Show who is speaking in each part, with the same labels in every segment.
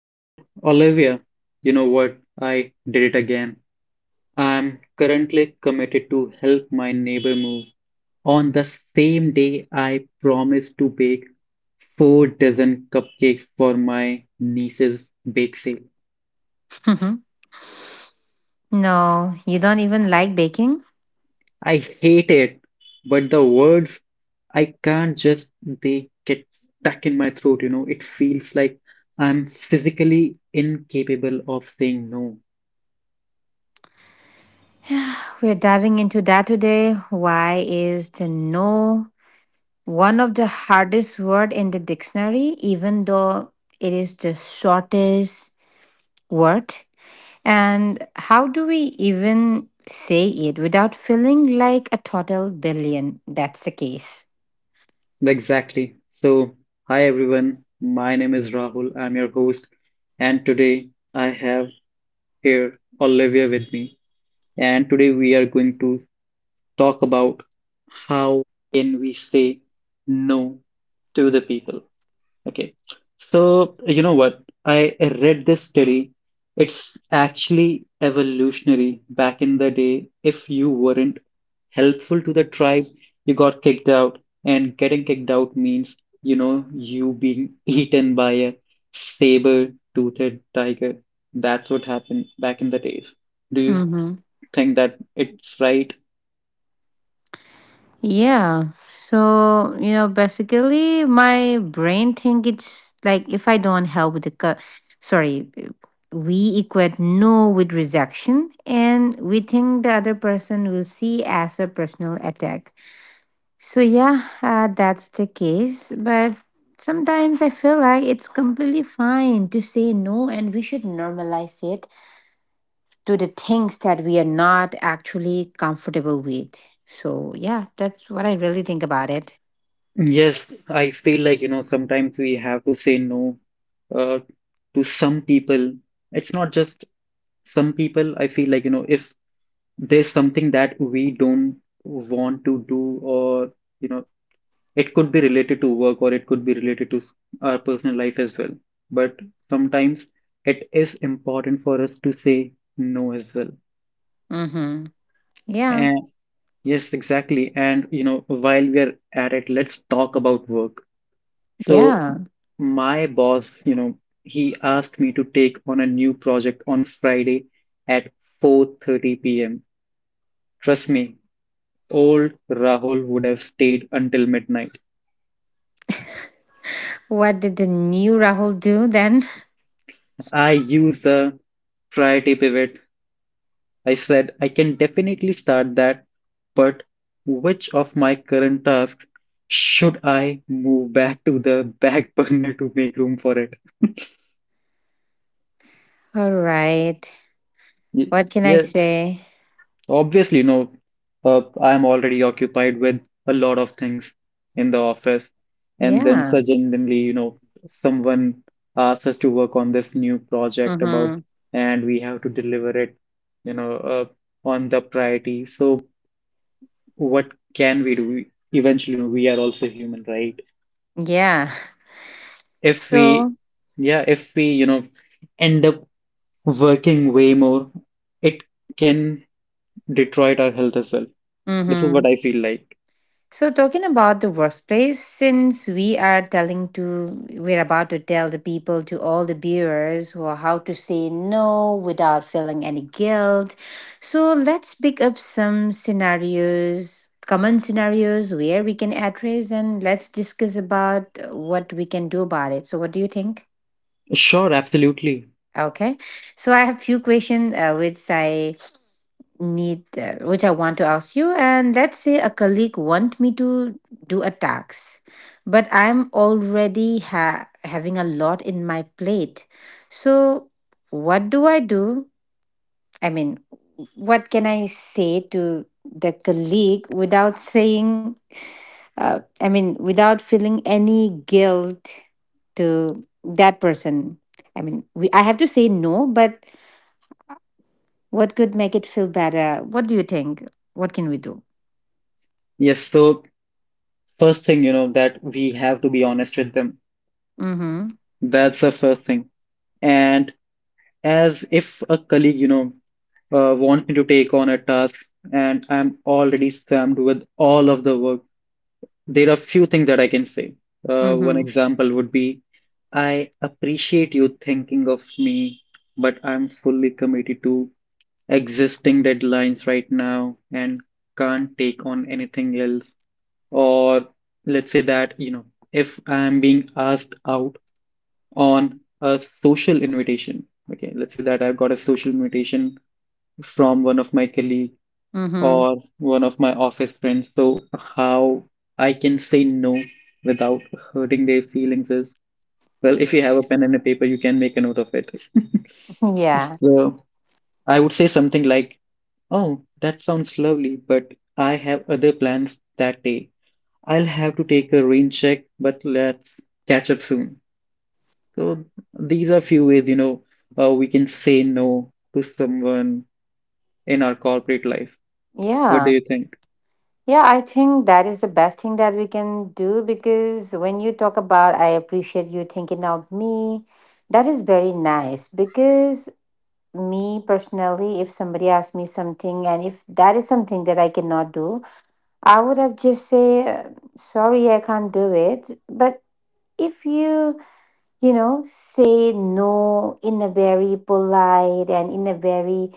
Speaker 1: So, Olivia, you know what? I did it again. I'm currently committed to help my neighbor move. On the same day, I promised to bake four dozen cupcakes for my niece's bake sale.
Speaker 2: Mhm. No, you don't even like baking?
Speaker 1: I hate it, but the words I can't just, they get stuck in my throat. It feels like I'm physically incapable of saying no.
Speaker 2: We're diving into that today. Why is the no one of the hardest word in the dictionary, even though it is the shortest word? And how do we even say it without feeling like a total billion? That's the case.
Speaker 1: Exactly. So, hi everyone. My name is Rahul. I'm your host, and today I have here Olivia with me. And today we are going to talk about how can we say no to the people. Okay. So, you know what? I read this study. It's actually evolutionary. Back in the day, if you weren't helpful to the tribe, you got kicked out. And getting kicked out means, you being eaten by a saber-toothed tiger. That's what happened back in the days. Do you think that it's right?
Speaker 2: Yeah. So, you know, basically my brain think it's like if I don't help with the sorry, we equate no with rejection and we think the other person will see as a personal attack. So, yeah, that's the case, but sometimes I feel like it's completely fine to say no and we should normalize it to the things that we are not actually comfortable with. So, yeah, that's what I really think about it.
Speaker 1: Yes, I feel like, sometimes we have to say no uh, to some people. It's not just some people. I feel like, if there's something that we don't want to do, or, you know, it could be related to work or it could be related to our personal life as well. But sometimes it is important for us to say no as well.
Speaker 2: Mm-hmm. Yeah.
Speaker 1: And yes, exactly. And, while we are at it, let's talk about work. So
Speaker 2: Yeah.
Speaker 1: my boss, he asked me to take on a new project on Friday at 4:30 p.m. Trust me, old Rahul would have stayed until midnight.
Speaker 2: What did the new Rahul do then?
Speaker 1: I used the priority pivot. I said I can definitely start that, but which of my current tasks should I move back to the back burner to make room for it?
Speaker 2: All right. What can I
Speaker 1: Ye-
Speaker 2: say?
Speaker 1: Obviously, no. I'm already occupied with a lot of things in the office. And then
Speaker 2: Yeah.
Speaker 1: suddenly, you know, someone asks us to work on this new project about,
Speaker 2: Mm-hmm.
Speaker 1: and we have to deliver it, you know, uh, on the priority. So what can we do? Eventually, we are also human, right?
Speaker 2: Yeah.
Speaker 1: If
Speaker 2: So.
Speaker 1: we, yeah, if we, end up working way more, it can deteriorate our health as well. This is
Speaker 2: Mm-hmm.
Speaker 1: what I feel like.
Speaker 2: So talking about the workplace, since we are telling to we're about to tell the people to all the viewers who are how to say no without feeling any guilt. So let's pick up some scenarios, common scenarios where we can address, and let's discuss about what we can do about it. So what do you think?
Speaker 1: Sure, absolutely.
Speaker 2: Okay. So I have few questions which I want to ask you, and let's say a colleague want me to do a tax, but I'm already having a lot in my plate. So what do I do? I mean, what can I say to the colleague without saying I mean without feeling any guilt to that person? I mean, I have to say no, but what could make it feel better? What do you think? What can we do?
Speaker 1: Yes, so first thing, that we have to be honest with them.
Speaker 2: Mhm.
Speaker 1: That's the first thing. And as if a colleague, wants me to take on a task and I'm already slammed with all of the work, there are few things that I can say. One
Speaker 2: Mhm.
Speaker 1: example would be, I appreciate you thinking of me, but I'm fully committed to existing deadlines right now and can't take on anything else. Or let's say that if I'm being asked out on a social invitation. Okay, let's say that I've got a social invitation from one of my colleague
Speaker 2: Mhm.
Speaker 1: or one of my office friends. So how I can say no without hurting their feelings is, well, if you have a pen and a paper, you can make a note of it.
Speaker 2: Yeah,
Speaker 1: So I would say something like, oh, that sounds lovely, but I have other plans that day. I'll have to take a rain check, but let's catch up soon. So these are few ways, we can say no to someone in our corporate life. What do
Speaker 2: yeah,
Speaker 1: you think?
Speaker 2: yeah, I think that is the best thing that we can do because when you talk about, I appreciate you thinking of me, that is very nice. Because me personally, if somebody asked me something and if that is something that I cannot do, I would have just say, sorry, I can't do it. But if you, say no in a very polite and in a very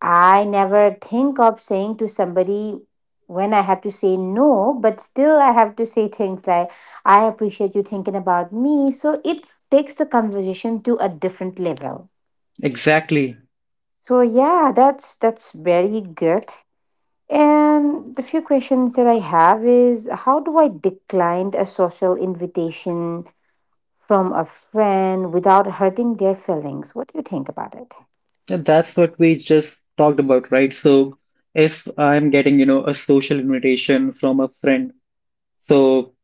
Speaker 2: I never think of saying to somebody when I have to say no, but still I have to say things like, I appreciate you thinking about me. So it takes the conversation to a different level.
Speaker 1: Exactly.
Speaker 2: So yeah, that's very good. And the few questions that I have is how do I decline a social invitation from a friend without hurting their feelings? What do you think about it?
Speaker 1: And that's what we just talked about, right? So if I'm getting a social invitation from a friend, so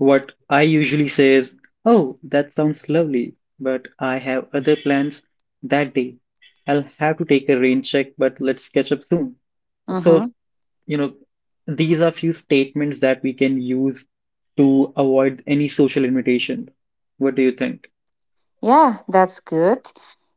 Speaker 1: what I usually say is, oh, that sounds lovely, but I have other plans that day. I'll have to take a rain check, but let's catch up soon. So you know, these are few statements that we can use to avoid any social imitation. What do you think?
Speaker 2: Yeah, that's good.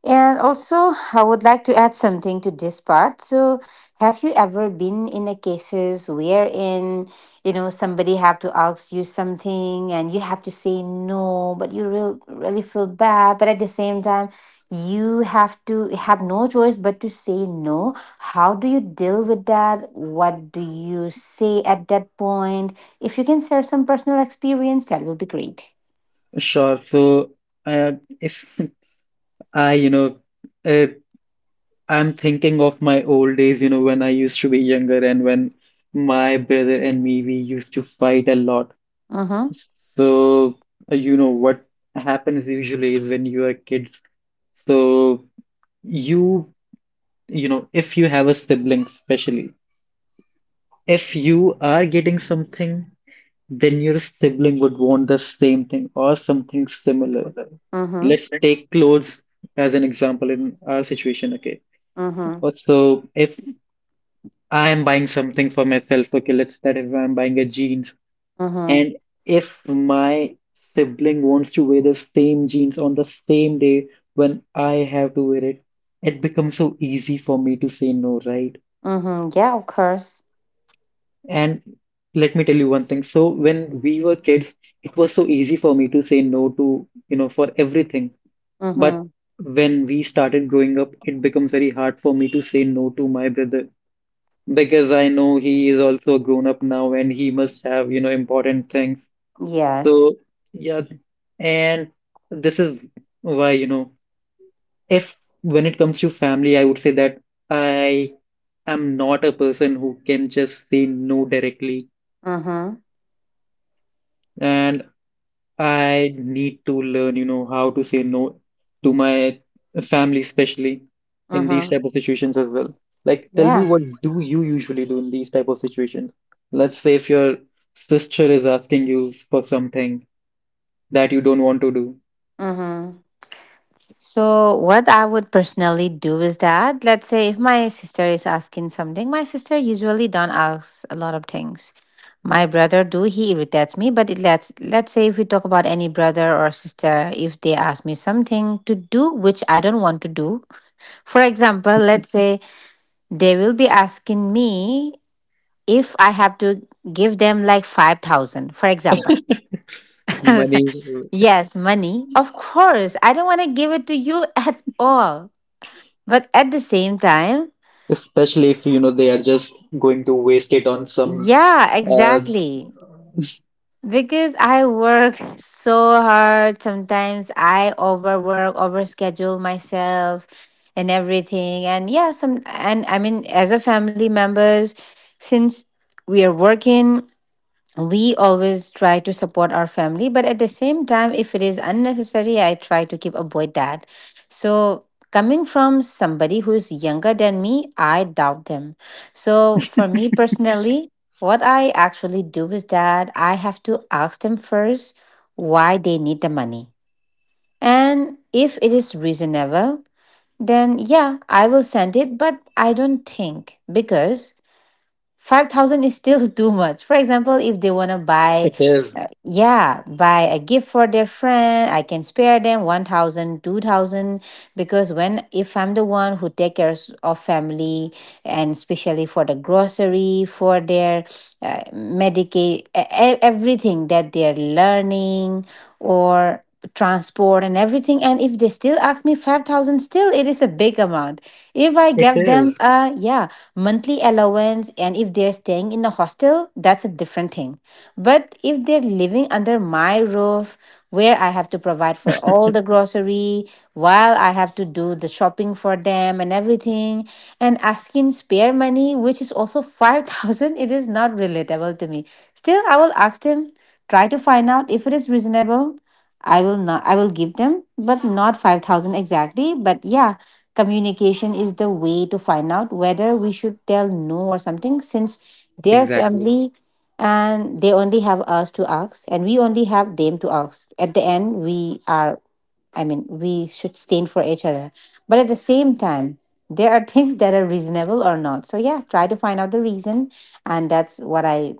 Speaker 2: And also, I would like to add something to this part. So, have you ever been in a cases wherein, somebody have to ask you something and you have to say no, but you really feel bad, but at the same time, you have to have no choice but to say no. How do you deal with that? What do you say at that point? If you can share some personal experience, that will be great.
Speaker 1: Sure. So, uh, if I, you know, uh, I'm thinking of my old days, when I used to be younger and when my brother and me, we used to fight a lot.
Speaker 2: Mm-hmm.
Speaker 1: So, what happens usually is when you are kids, so you, if you have a sibling, especially, if you are getting something, then your sibling would want the same thing or something similar.
Speaker 2: Mm-hmm.
Speaker 1: Let's take clothes as an example in our situation, okay?
Speaker 2: Mm-hmm.
Speaker 1: So if I am buying something for myself, okay, let's start if I'm buying a jeans,
Speaker 2: Mhm.
Speaker 1: and if my sibling wants to wear the same jeans on the same day when I have to wear it, it becomes so easy for me to say no, right?
Speaker 2: Mhm. Yeah, of course.
Speaker 1: And let me tell you one thing. So when we were kids, it was so easy for me to say no to, for everything. But
Speaker 2: Mhm.
Speaker 1: when we started growing up, it becomes very hard for me to say no to my brother because I know he is also a grown up now and he must have important things.
Speaker 2: Yes.
Speaker 1: So yeah, and this is why, if when it comes to family, I would say that I am not a person who can just say no directly.
Speaker 2: Mhm.
Speaker 1: And I need to learn how to say no to my family, especially in these
Speaker 2: Mhm.
Speaker 1: type of situations as well. Like, tell me,
Speaker 2: Yeah.
Speaker 1: what do you usually do in these type of situations? Let's say if your sister is asking you for something that you don't want to do,
Speaker 2: Mhm. So what I would personally do is that let's say if my sister is asking something, my sister usually don't ask a lot of things. My brother do, he irritates me, but it let's say if we talk about any brother or sister, if they ask me something to do which I don't want to do, for example, let's say they will be asking me if I have to give them like 5,000, for example.
Speaker 1: money,
Speaker 2: Yes, money. Of course, I don't want to give it to you at all. But at the same time,
Speaker 1: especially if you know they are just going to waste it on some.
Speaker 2: yeah,
Speaker 1: Uh,
Speaker 2: exactly. Because I work so hard. Sometimes I overwork, overschedule myself and everything. And yeah, some, and I mean, as a family members, since we are working, we always try to support our family, but at the same time if it is unnecessary I try to keep avoid that. So coming from somebody who's younger than me, I doubt them. So for me personally, what I actually do is that I have to ask them first why they need the money, and if it is reasonable, then yeah, I will send it. But I don't think because 5,000 is still too much. For example, if they want to buy
Speaker 1: it is.
Speaker 2: yeah, buy a gift for their friend, I can spare them 1,000, 2,000. Because when if I'm the one who take care of family, and especially for the grocery for their everything that they're learning or transport and everything. And if they still ask me 5,000, still it is a big amount. If I
Speaker 1: It
Speaker 2: give
Speaker 1: is.
Speaker 2: them a, yeah, monthly allowance, and if they're staying in a hostel, that's a different thing. But if they're living under my roof, where I have to provide for all the grocery, while I have to do the shopping for them and everything, and asking spare money, which is also 5,000, it is not relatable to me. Still, I will ask them, try to find out if it is reasonable. I will give them, but not 5,000 exactly. But yeah, communication is the way to find out whether we should tell no or something, since their
Speaker 1: Exactly.
Speaker 2: family, and they only have us to ask and we only have them to ask. At the end, we are, I mean, we should stand for each other. But at the same time, there are things that are reasonable or not. So yeah, try to find out the reason, and that's what I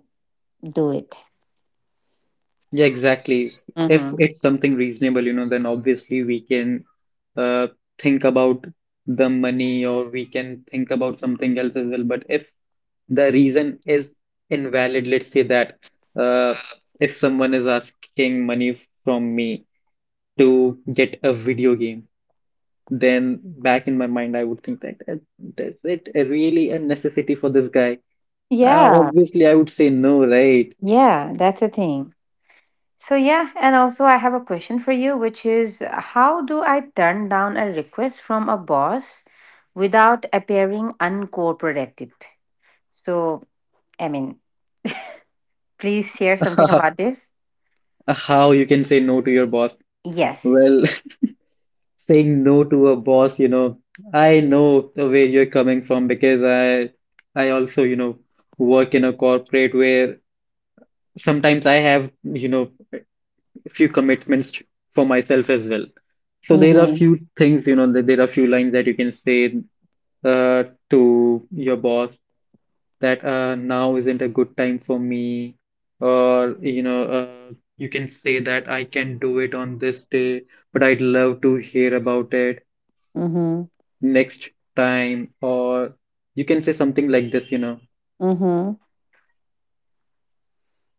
Speaker 2: do it.
Speaker 1: Yeah, exactly. If
Speaker 2: Mm-hmm.
Speaker 1: it's something reasonable, then obviously we can uh, think about the money or we can think about something else as well. But if the reason is invalid, let's say that uh, if someone is asking money from me to get a video game, then back in my mind, I would think that is it really a necessity for this guy?
Speaker 2: Yeah,
Speaker 1: Obviously, I would say no, right?
Speaker 2: yeah, that's a thing. So, yeah, and also I have a question for you, which is how do I turn down a request from a boss without appearing uncooperative? So, I mean, please share something about this?
Speaker 1: How you can say no to your boss?
Speaker 2: Yes.
Speaker 1: Well, saying no to a boss, I know the way you're coming from because I also, work in a corporate where sometimes I have, few commitments for myself as well. So there are
Speaker 2: Mhm.
Speaker 1: few things, that there are few lines that you can say uh, to your boss that now isn't a good time for me, or you can say that I can do it on this day, but I'd love to hear about it.
Speaker 2: Mhm.
Speaker 1: Next time, or you can say something like this.
Speaker 2: Mhm.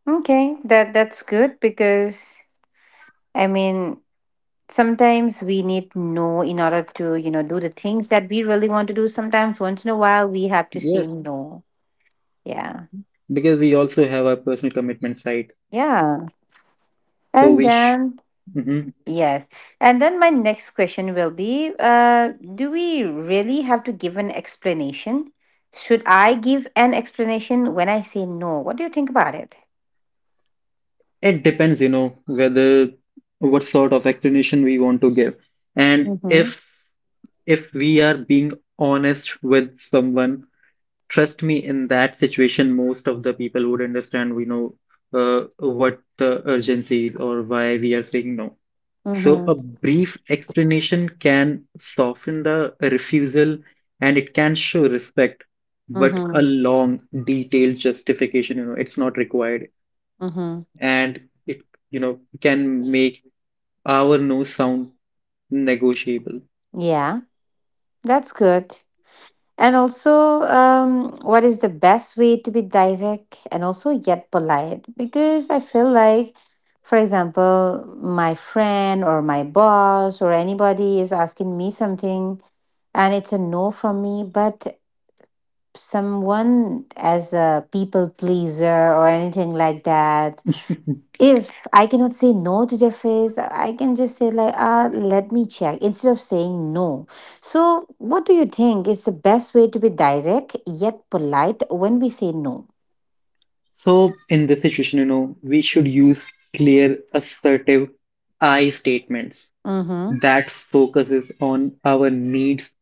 Speaker 2: Okay, that's good because I mean, sometimes we need no in order to, you know, do the things that we really want to do. Sometimes once in a while we have to say
Speaker 1: Yes,
Speaker 2: no. Yeah.
Speaker 1: because we also have our personal commitments, right?
Speaker 2: Yeah.
Speaker 1: So
Speaker 2: And
Speaker 1: we sh
Speaker 2: then
Speaker 1: hmm
Speaker 2: yes. And then my next question will be do we really have to give an explanation? Should I give an explanation when I say no? What do you think about it?
Speaker 1: it depends, whether what sort of explanation we want to give. And if we are being honest with someone, trust me, in that situation, most of the people would understand. We know what the urgency is or why we are saying no. So
Speaker 2: Mhm.
Speaker 1: a brief explanation can soften the refusal and it can show respect, but a
Speaker 2: Mhm.
Speaker 1: long, detailed justification, it's not required.
Speaker 2: Mhm.
Speaker 1: And it can make our no sound negotiable.
Speaker 2: Yeah, that's good. And also, what is the best way to be direct and also yet polite? Because I feel like, for example, my friend or my boss or anybody is asking me something and it's a no from me, but someone as a people pleaser or anything like that. If I cannot say no to their face, I can just say like, ah, let me check instead of saying no. So, what do you think is the best way to be direct yet polite when we say no?
Speaker 1: So in this situation, we should use clear, assertive I statements
Speaker 2: Mm-hmm.
Speaker 1: that focuses on our needs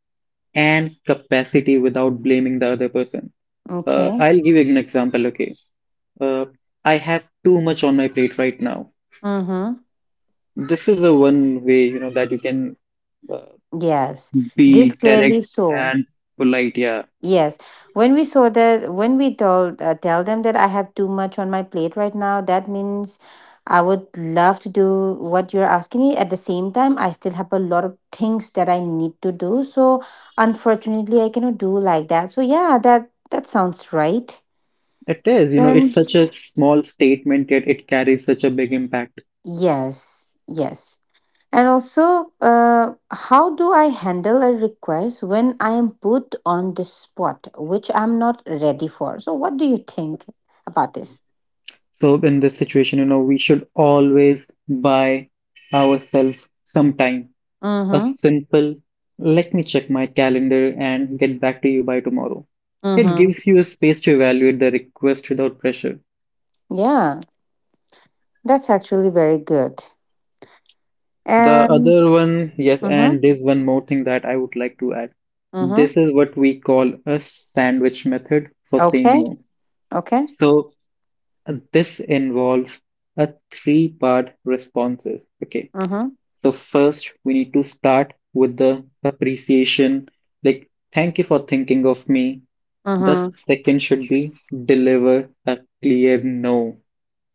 Speaker 1: and capacity without blaming the other person.
Speaker 2: Okay.
Speaker 1: I'll give an example, okay. Uh, I have too much on my plate right now.
Speaker 2: Mm-hmm.
Speaker 1: This is the one way, that you can uh,
Speaker 2: Yes. This
Speaker 1: be
Speaker 2: clearly
Speaker 1: direct
Speaker 2: so.
Speaker 1: and polite. Yeah,
Speaker 2: Yes, when we told tell them that I have too much on my plate right now, that means I would love to do what you're asking me. At the same time, I still have a lot of things that I need to do. So unfortunately, I cannot do like that. So yeah, that sounds right.
Speaker 1: it is, you know, it's
Speaker 2: And
Speaker 1: such a small statement, yet it carries such a big impact.
Speaker 2: yes, yes. And also, how do I handle a request when I am put on the spot, which I'm not ready for? So, what do you think about this?
Speaker 1: So, in this situation, we should always buy ourselves some time. A
Speaker 2: Mm-hmm.
Speaker 1: simple, let me check my calendar and get back to you by tomorrow. It
Speaker 2: Mm-hmm.
Speaker 1: gives you a space to evaluate the request without pressure.
Speaker 2: Yeah, that's actually very good.
Speaker 1: The
Speaker 2: And.
Speaker 1: other one, yes,
Speaker 2: Mm-hmm.
Speaker 1: and there's one more thing that I would like to add. This
Speaker 2: Mm-hmm.
Speaker 1: is what we call a sandwich method for saying
Speaker 2: Okay.
Speaker 1: no.
Speaker 2: Okay.
Speaker 1: So this involves a three-part responses. Okay.
Speaker 2: Mm-hmm.
Speaker 1: So first, we need to start with the appreciation, like thank you for thinking of me. The
Speaker 2: Mm-hmm.
Speaker 1: second should be deliver a clear no.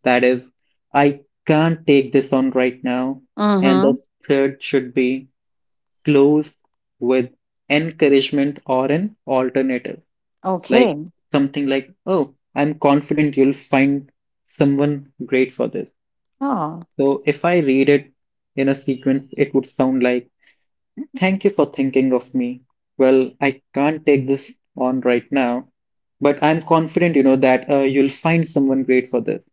Speaker 1: That is, I can't take this on right now. And the
Speaker 2: Mm-hmm.
Speaker 1: third should be close with encouragement or an alternative. Like
Speaker 2: Okay.
Speaker 1: something like, oh, I'm confident you'll find someone great for this.
Speaker 2: Oh.
Speaker 1: So if I read it in a sequence, it would sound like, thank you for thinking of me. Well, I can't take this on right now, but I'm confident, that you'll find someone great for this.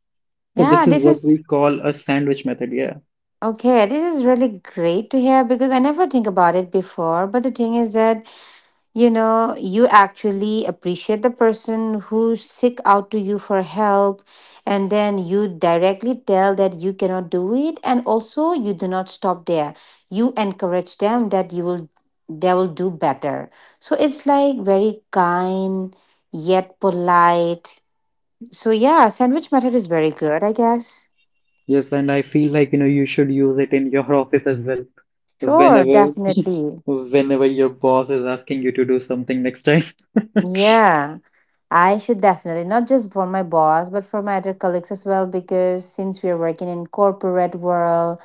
Speaker 1: So
Speaker 2: Yeah,
Speaker 1: this is
Speaker 2: this
Speaker 1: what we
Speaker 2: is
Speaker 1: call a sandwich method. Yeah.
Speaker 2: okay. This is really great to hear because I never think about it before. But the thing is that you actually appreciate the person who seek out to you for help, and then you directly tell that you cannot do it, and also you do not stop there, you encourage them that you will they will do better. So it's like very kind, yet polite. So yeah, sandwich method is very good, I guess.
Speaker 1: Yes, and I feel like you should use it in your office as well.
Speaker 2: Sure,
Speaker 1: Whenever,
Speaker 2: definitely.
Speaker 1: whenever your boss is asking you to do something next time,
Speaker 2: Yeah, I should definitely, not just for my boss, but for my other colleagues as well, because since we are working in corporate world,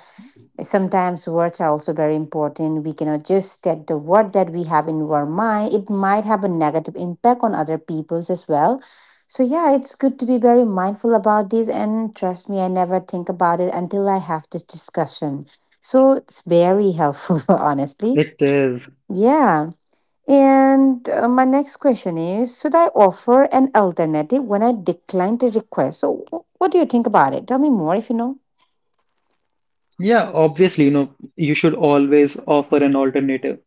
Speaker 2: sometimes words are also very important. We cannot just state the word that we have in our mind. It might have a negative impact on other people's as well. So yeah, it's good to be very mindful about this, and trust me, I never think about it until I have this discussion. So it's very helpful, honestly.
Speaker 1: it is.
Speaker 2: Yeah. And my next question is, should I offer an alternative when I decline the request? So, what do you think about it? Tell me more if you know.
Speaker 1: Yeah, obviously, you should always offer an alternative.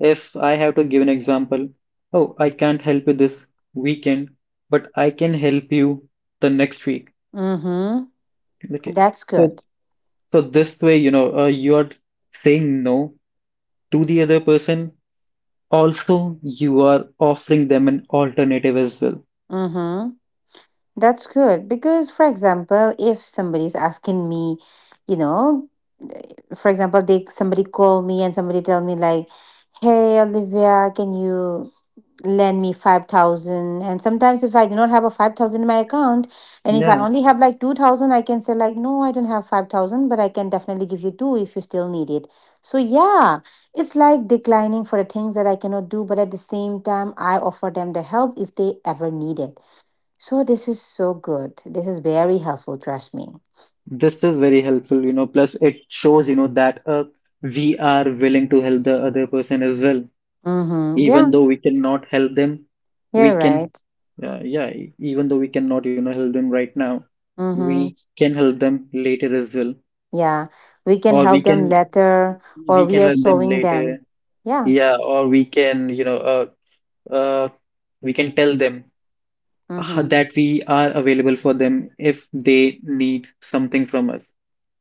Speaker 1: If I have to give an example, oh, I can't help you this weekend, but I can help you the next week.
Speaker 2: Mm-hmm.
Speaker 1: Okay.
Speaker 2: That's
Speaker 1: So,
Speaker 2: good.
Speaker 1: so this way, you are saying no to the other person. Also, you are offering them an alternative as well.
Speaker 2: Mm-hmm. That's good. Because for example, if somebody's asking me, you know, for example, they somebody call me and somebody tell me like, hey Olivia, can you lend me 5000? And sometimes if I do not have a 5000 in my account and if I
Speaker 1: Yeah,
Speaker 2: only have like 2000, I can say like, no, I don't have 5000, but I can definitely give you 2 if you still need it. So yeah, it's like declining for the things that I cannot do, but at the same time I offer them the help if they ever need it. So this is so good, this is very helpful, trust me.
Speaker 1: this is very helpful, you know. Plus, it shows, you know, that we are willing to help the other person as well.
Speaker 2: Mm-hmm.
Speaker 1: Even
Speaker 2: Yeah,
Speaker 1: though we cannot help them, we
Speaker 2: you're
Speaker 1: can,
Speaker 2: right.
Speaker 1: yeah, e- even though we cannot, you know, help them right now, we
Speaker 2: Mm-hmm.
Speaker 1: can help them later as well.
Speaker 2: Yeah, we can
Speaker 1: Or we
Speaker 2: help them
Speaker 1: can,
Speaker 2: later. Or
Speaker 1: we
Speaker 2: we
Speaker 1: can
Speaker 2: are
Speaker 1: help them
Speaker 2: showing them.
Speaker 1: later.
Speaker 2: Yeah.
Speaker 1: Yeah, or we can, uh, we can tell them.
Speaker 2: Mm-hmm.
Speaker 1: That we are available for them if they need something from us.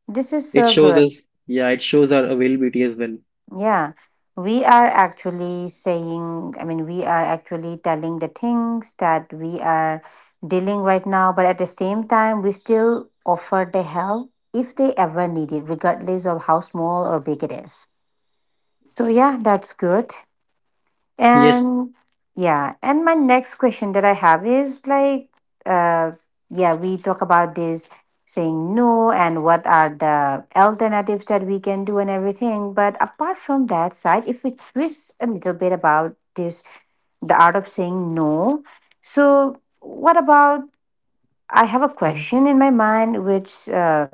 Speaker 2: This is
Speaker 1: It
Speaker 2: so
Speaker 1: shows
Speaker 2: good.
Speaker 1: us, yeah, it shows our availability as well.
Speaker 2: Yeah. We are actually saying, I mean, we are actually telling the things that we are dealing right now, but at the same time, we still offer the help if they ever need it, regardless of how small or big it is. So, yeah, that's good.
Speaker 1: Yes.
Speaker 2: And my next question that I have is like, uh, yeah, we talk about this saying no and what are the alternatives that we can do and everything. But apart from that side, if we twist a little bit about this, the art of saying no. So, what about? I have a question in my mind, which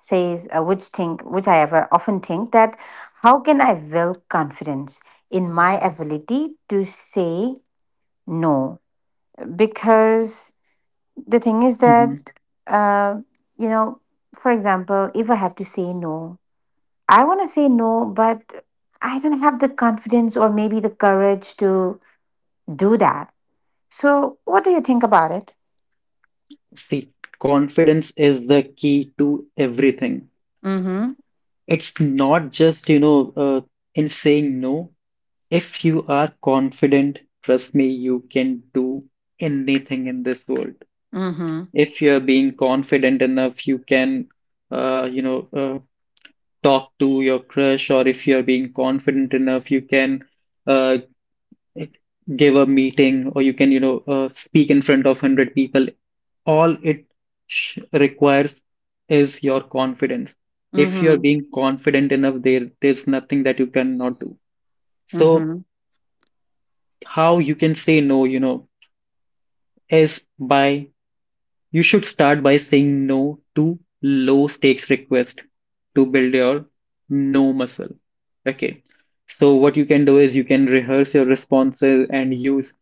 Speaker 2: says which think which I ever often think that how can I build confidence in my ability to say no. Because the thing is
Speaker 1: Hmm.
Speaker 2: that uh, you know for example, if I have to say no, I want to say no, but I don't have the confidence or maybe the courage to do that. So what do you think about it?
Speaker 1: See, confidence is the key to everything.
Speaker 2: Mm-hmm.
Speaker 1: It's not just, in saying no. If you are confident, trust me, you can do anything in this world.
Speaker 2: Mm-hmm.
Speaker 1: If you are being confident enough, you can, you know, talk to your crush, or if you're being confident enough you can, uh, give a meeting, or you can, speak in front of 100 people. All it sh requires is your confidence. If you're
Speaker 2: Mm-hmm.
Speaker 1: being confident enough, there's nothing that you cannot do. So
Speaker 2: Mm-hmm.
Speaker 1: how you can say no, you know, is by: you should start by saying no to low-stakes requests to build your no muscle. Okay. So what you can do is you can rehearse your responses and use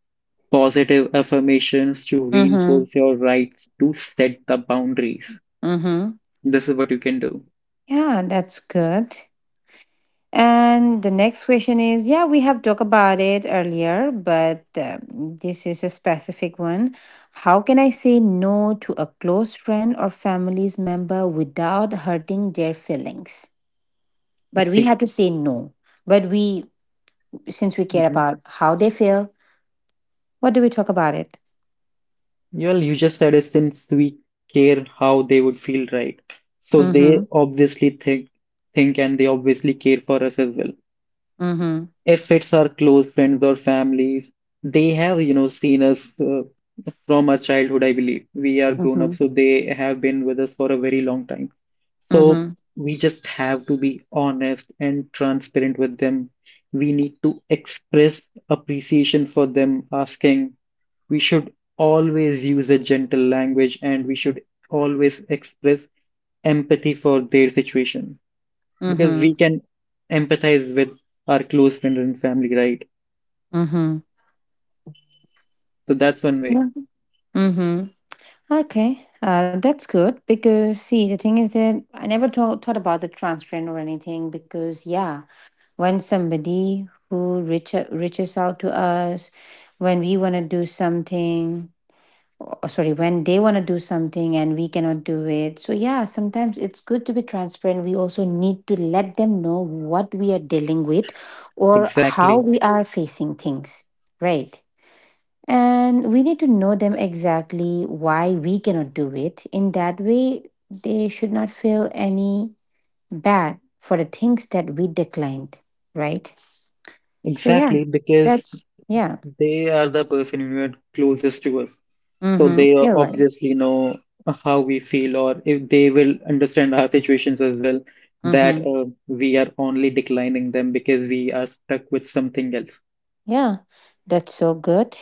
Speaker 1: positive affirmations to
Speaker 2: Mm-hmm.
Speaker 1: reinforce your rights to set the boundaries.
Speaker 2: Mm-hmm.
Speaker 1: This is what you can do.
Speaker 2: Yeah, that's good. And the next question is, yeah, we have talked about it earlier, but this is a specific one. How can I say no to a close friend or family's member without hurting their feelings? But we
Speaker 1: See,
Speaker 2: have to say no. But we, since we care
Speaker 1: mhm.
Speaker 2: about how they feel, what do we talk about it?
Speaker 1: Well, you just said it, since we care how they would feel, right? So
Speaker 2: Mm hmm.
Speaker 1: they obviously think, and they obviously care for us as well.
Speaker 2: Mm hmm.
Speaker 1: If it's our close friends or families, they have, you know, seen us from our childhood, I believe. We are grown
Speaker 2: Mm
Speaker 1: up, so
Speaker 2: hmm.
Speaker 1: they have been with us for a very long time.
Speaker 2: Mm
Speaker 1: So
Speaker 2: hmm.
Speaker 1: we just have to be honest and transparent with them. We need to express appreciation for them, asking. We should always use a gentle language, and we should always express empathy for their situation,
Speaker 2: Mm
Speaker 1: because
Speaker 2: hmm.
Speaker 1: we can empathize with our close friends and family, right?
Speaker 2: Mm hmm.
Speaker 1: So that's one way.
Speaker 2: Yeah. Mm-hmm. Okay, that's good because see, the thing is that I never thought about the transparent or anything. Because yeah, when somebody who reaches out to us, when we want to do something, or sorry, when they want to do something and we cannot do it, so yeah, sometimes it's good to be transparent. We also need to let them know what we are dealing with or how
Speaker 1: Exactly.
Speaker 2: we are facing things, right? And we need to know them exactly why we cannot do it. In that way, they should not feel any bad for the things that we declined, right? So, yeah,
Speaker 1: Exactly, because
Speaker 2: that's, yeah,
Speaker 1: they are the person who are closest to us. So
Speaker 2: mm-hmm,
Speaker 1: they
Speaker 2: you're right.
Speaker 1: obviously know how we feel, or if they will understand our situations as well, that
Speaker 2: Mm-hmm,
Speaker 1: uh, we are only declining them because we are stuck with something else.
Speaker 2: yeah, that's so good.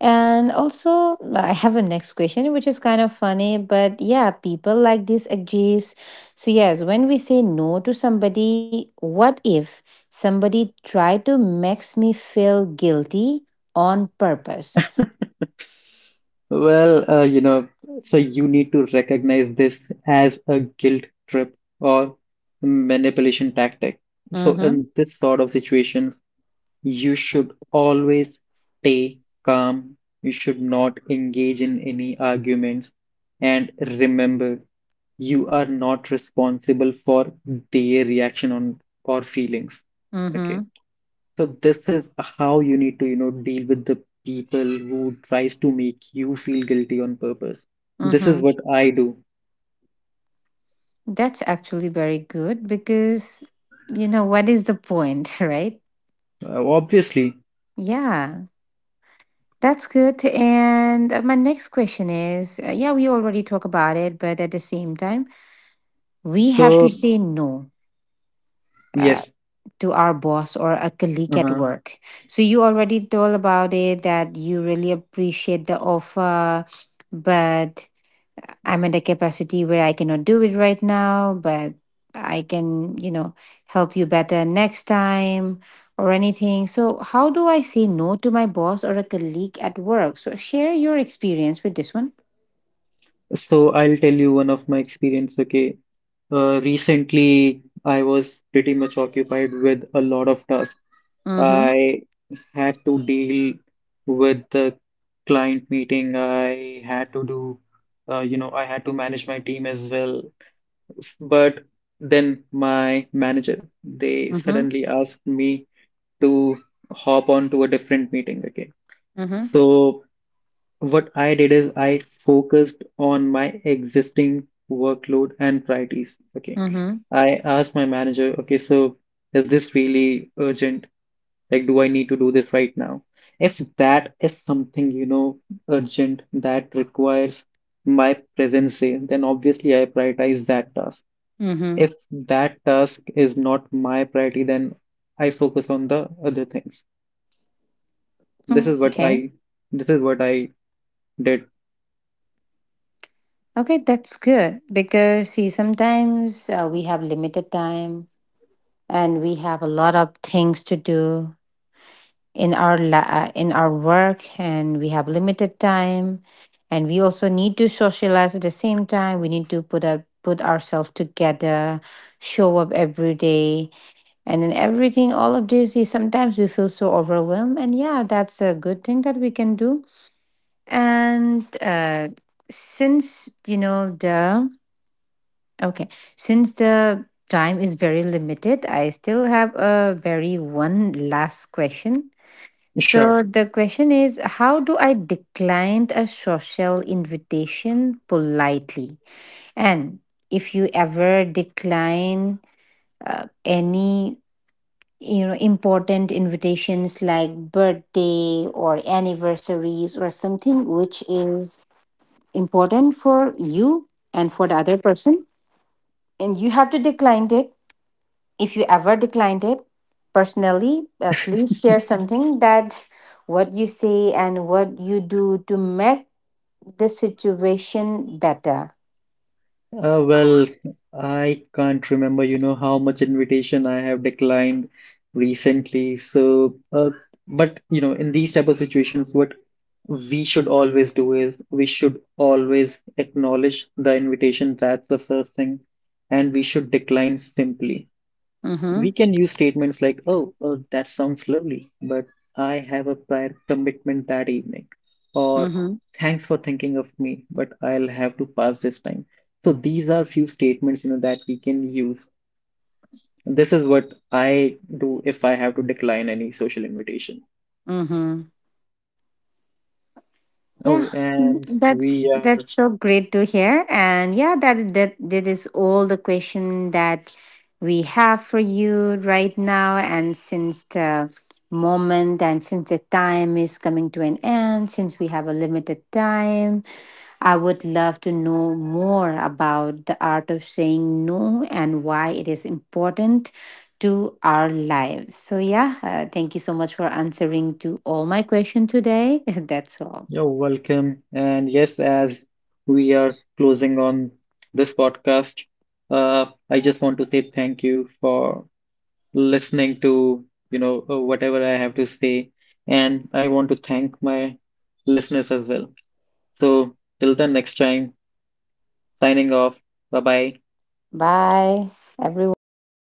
Speaker 2: And also, I have a next question, which is kind of funny, but yeah, people like this agrees. So, yes, when we say no to somebody, what if somebody tried to makes me feel guilty on purpose?
Speaker 1: Well, you know, so you need to recognize this as a guilt trip or manipulation tactic. So
Speaker 2: Mm-hmm.
Speaker 1: in this sort of situation, you should always stay calm, you should not engage in any arguments, and remember, you are not responsible for their reaction on or feelings. Okay.
Speaker 2: Mm-hmm.
Speaker 1: So this is how you need to, you know, deal with the people who tries to make you feel guilty on purpose. This is
Speaker 2: Mm-hmm.
Speaker 1: what I do,
Speaker 2: That's actually very good because you know what is the point, right?
Speaker 1: obviously.
Speaker 2: Yeah. That's good. And my next question is, yeah, we already talk about it, but at the same time, we have to
Speaker 1: So
Speaker 2: say no
Speaker 1: yes.
Speaker 2: uh, to our boss or a
Speaker 1: Uh
Speaker 2: colleague at
Speaker 1: huh.
Speaker 2: work. So you already told about it that you really appreciate the offer, but I'm in the capacity where I cannot do it right now, but I can, you know, help you better next time or anything. So how do I say no to my boss or a colleague at work? So share your experience with this one.
Speaker 1: So I'll tell you one of my experience, okay? Recently, I was pretty much occupied with a lot of tasks.
Speaker 2: Mm-hmm.
Speaker 1: I had to deal with the client meeting. I had to do, You know, I had to manage my team as well. But then my manager, they
Speaker 2: Mm-hmm.
Speaker 1: suddenly asked me to hop on to a different meeting again.
Speaker 2: Mm-hmm.
Speaker 1: So what I did is I focused on my existing workload and priorities. Okay.
Speaker 2: Mm-hmm.
Speaker 1: I asked my manager, okay, so is this really urgent? Like, do I need to do this right now? If that is something, you know, urgent that requires my presence there, then obviously I prioritize that task.
Speaker 2: Mm-hmm.
Speaker 1: If that task is not my priority, then I focus on the other things. This is
Speaker 2: Okay.
Speaker 1: what I, this is what I did.
Speaker 2: Okay, that's good because see, sometimes we have limited time and we have a lot of things to do in our work, and we have limited time, and we also need to socialize at the same time. We need to put ourselves together, show up every day, and then everything. All of this is sometimes we feel so overwhelmed, and yeah, that's a good thing that we can do. And since you know the Okay. Since the time is very limited, I still have a very one last question.
Speaker 1: Sure.
Speaker 2: So the question is, how do I decline a social invitation politely? And if you ever decline any you know important invitations like birthday or anniversaries or something which is important for you and for the other person and you have to decline it. If you ever declined it personally, please share something that what you say and what you do to make the situation better.
Speaker 1: Well, I can't remember, you know, how much invitation I have declined recently. So, but you know, in these type of situations, what we should always do is we should always acknowledge the invitation. That's the first thing, and we should decline simply. We
Speaker 2: Mm-hmm.
Speaker 1: can use statements like, oh, that sounds lovely, but I have a prior commitment that evening. Or
Speaker 2: Mm-hmm.
Speaker 1: thanks for thinking of me, but I'll have to pass this time. So these are few statements, you know, that we can use. This is what I do if I have to decline any social invitation.
Speaker 2: Mm-hmm. Yeah,
Speaker 1: Oh, and we
Speaker 2: that's
Speaker 1: are,
Speaker 2: so great to hear. And yeah, that is all the question that we have for you right now. And since the moment and since the time is coming to an end, since we have a limited time, I would love to know more about the art of saying no and why it is important to our lives. So yeah, thank you so much for answering to all my question today. That's all.
Speaker 1: you're welcome. And yes, as we are closing on this podcast, I just want to say thank you for listening to, whatever I have to say. And I want to thank my listeners as well. So till the next time, signing off. Bye bye.
Speaker 2: Bye, everyone.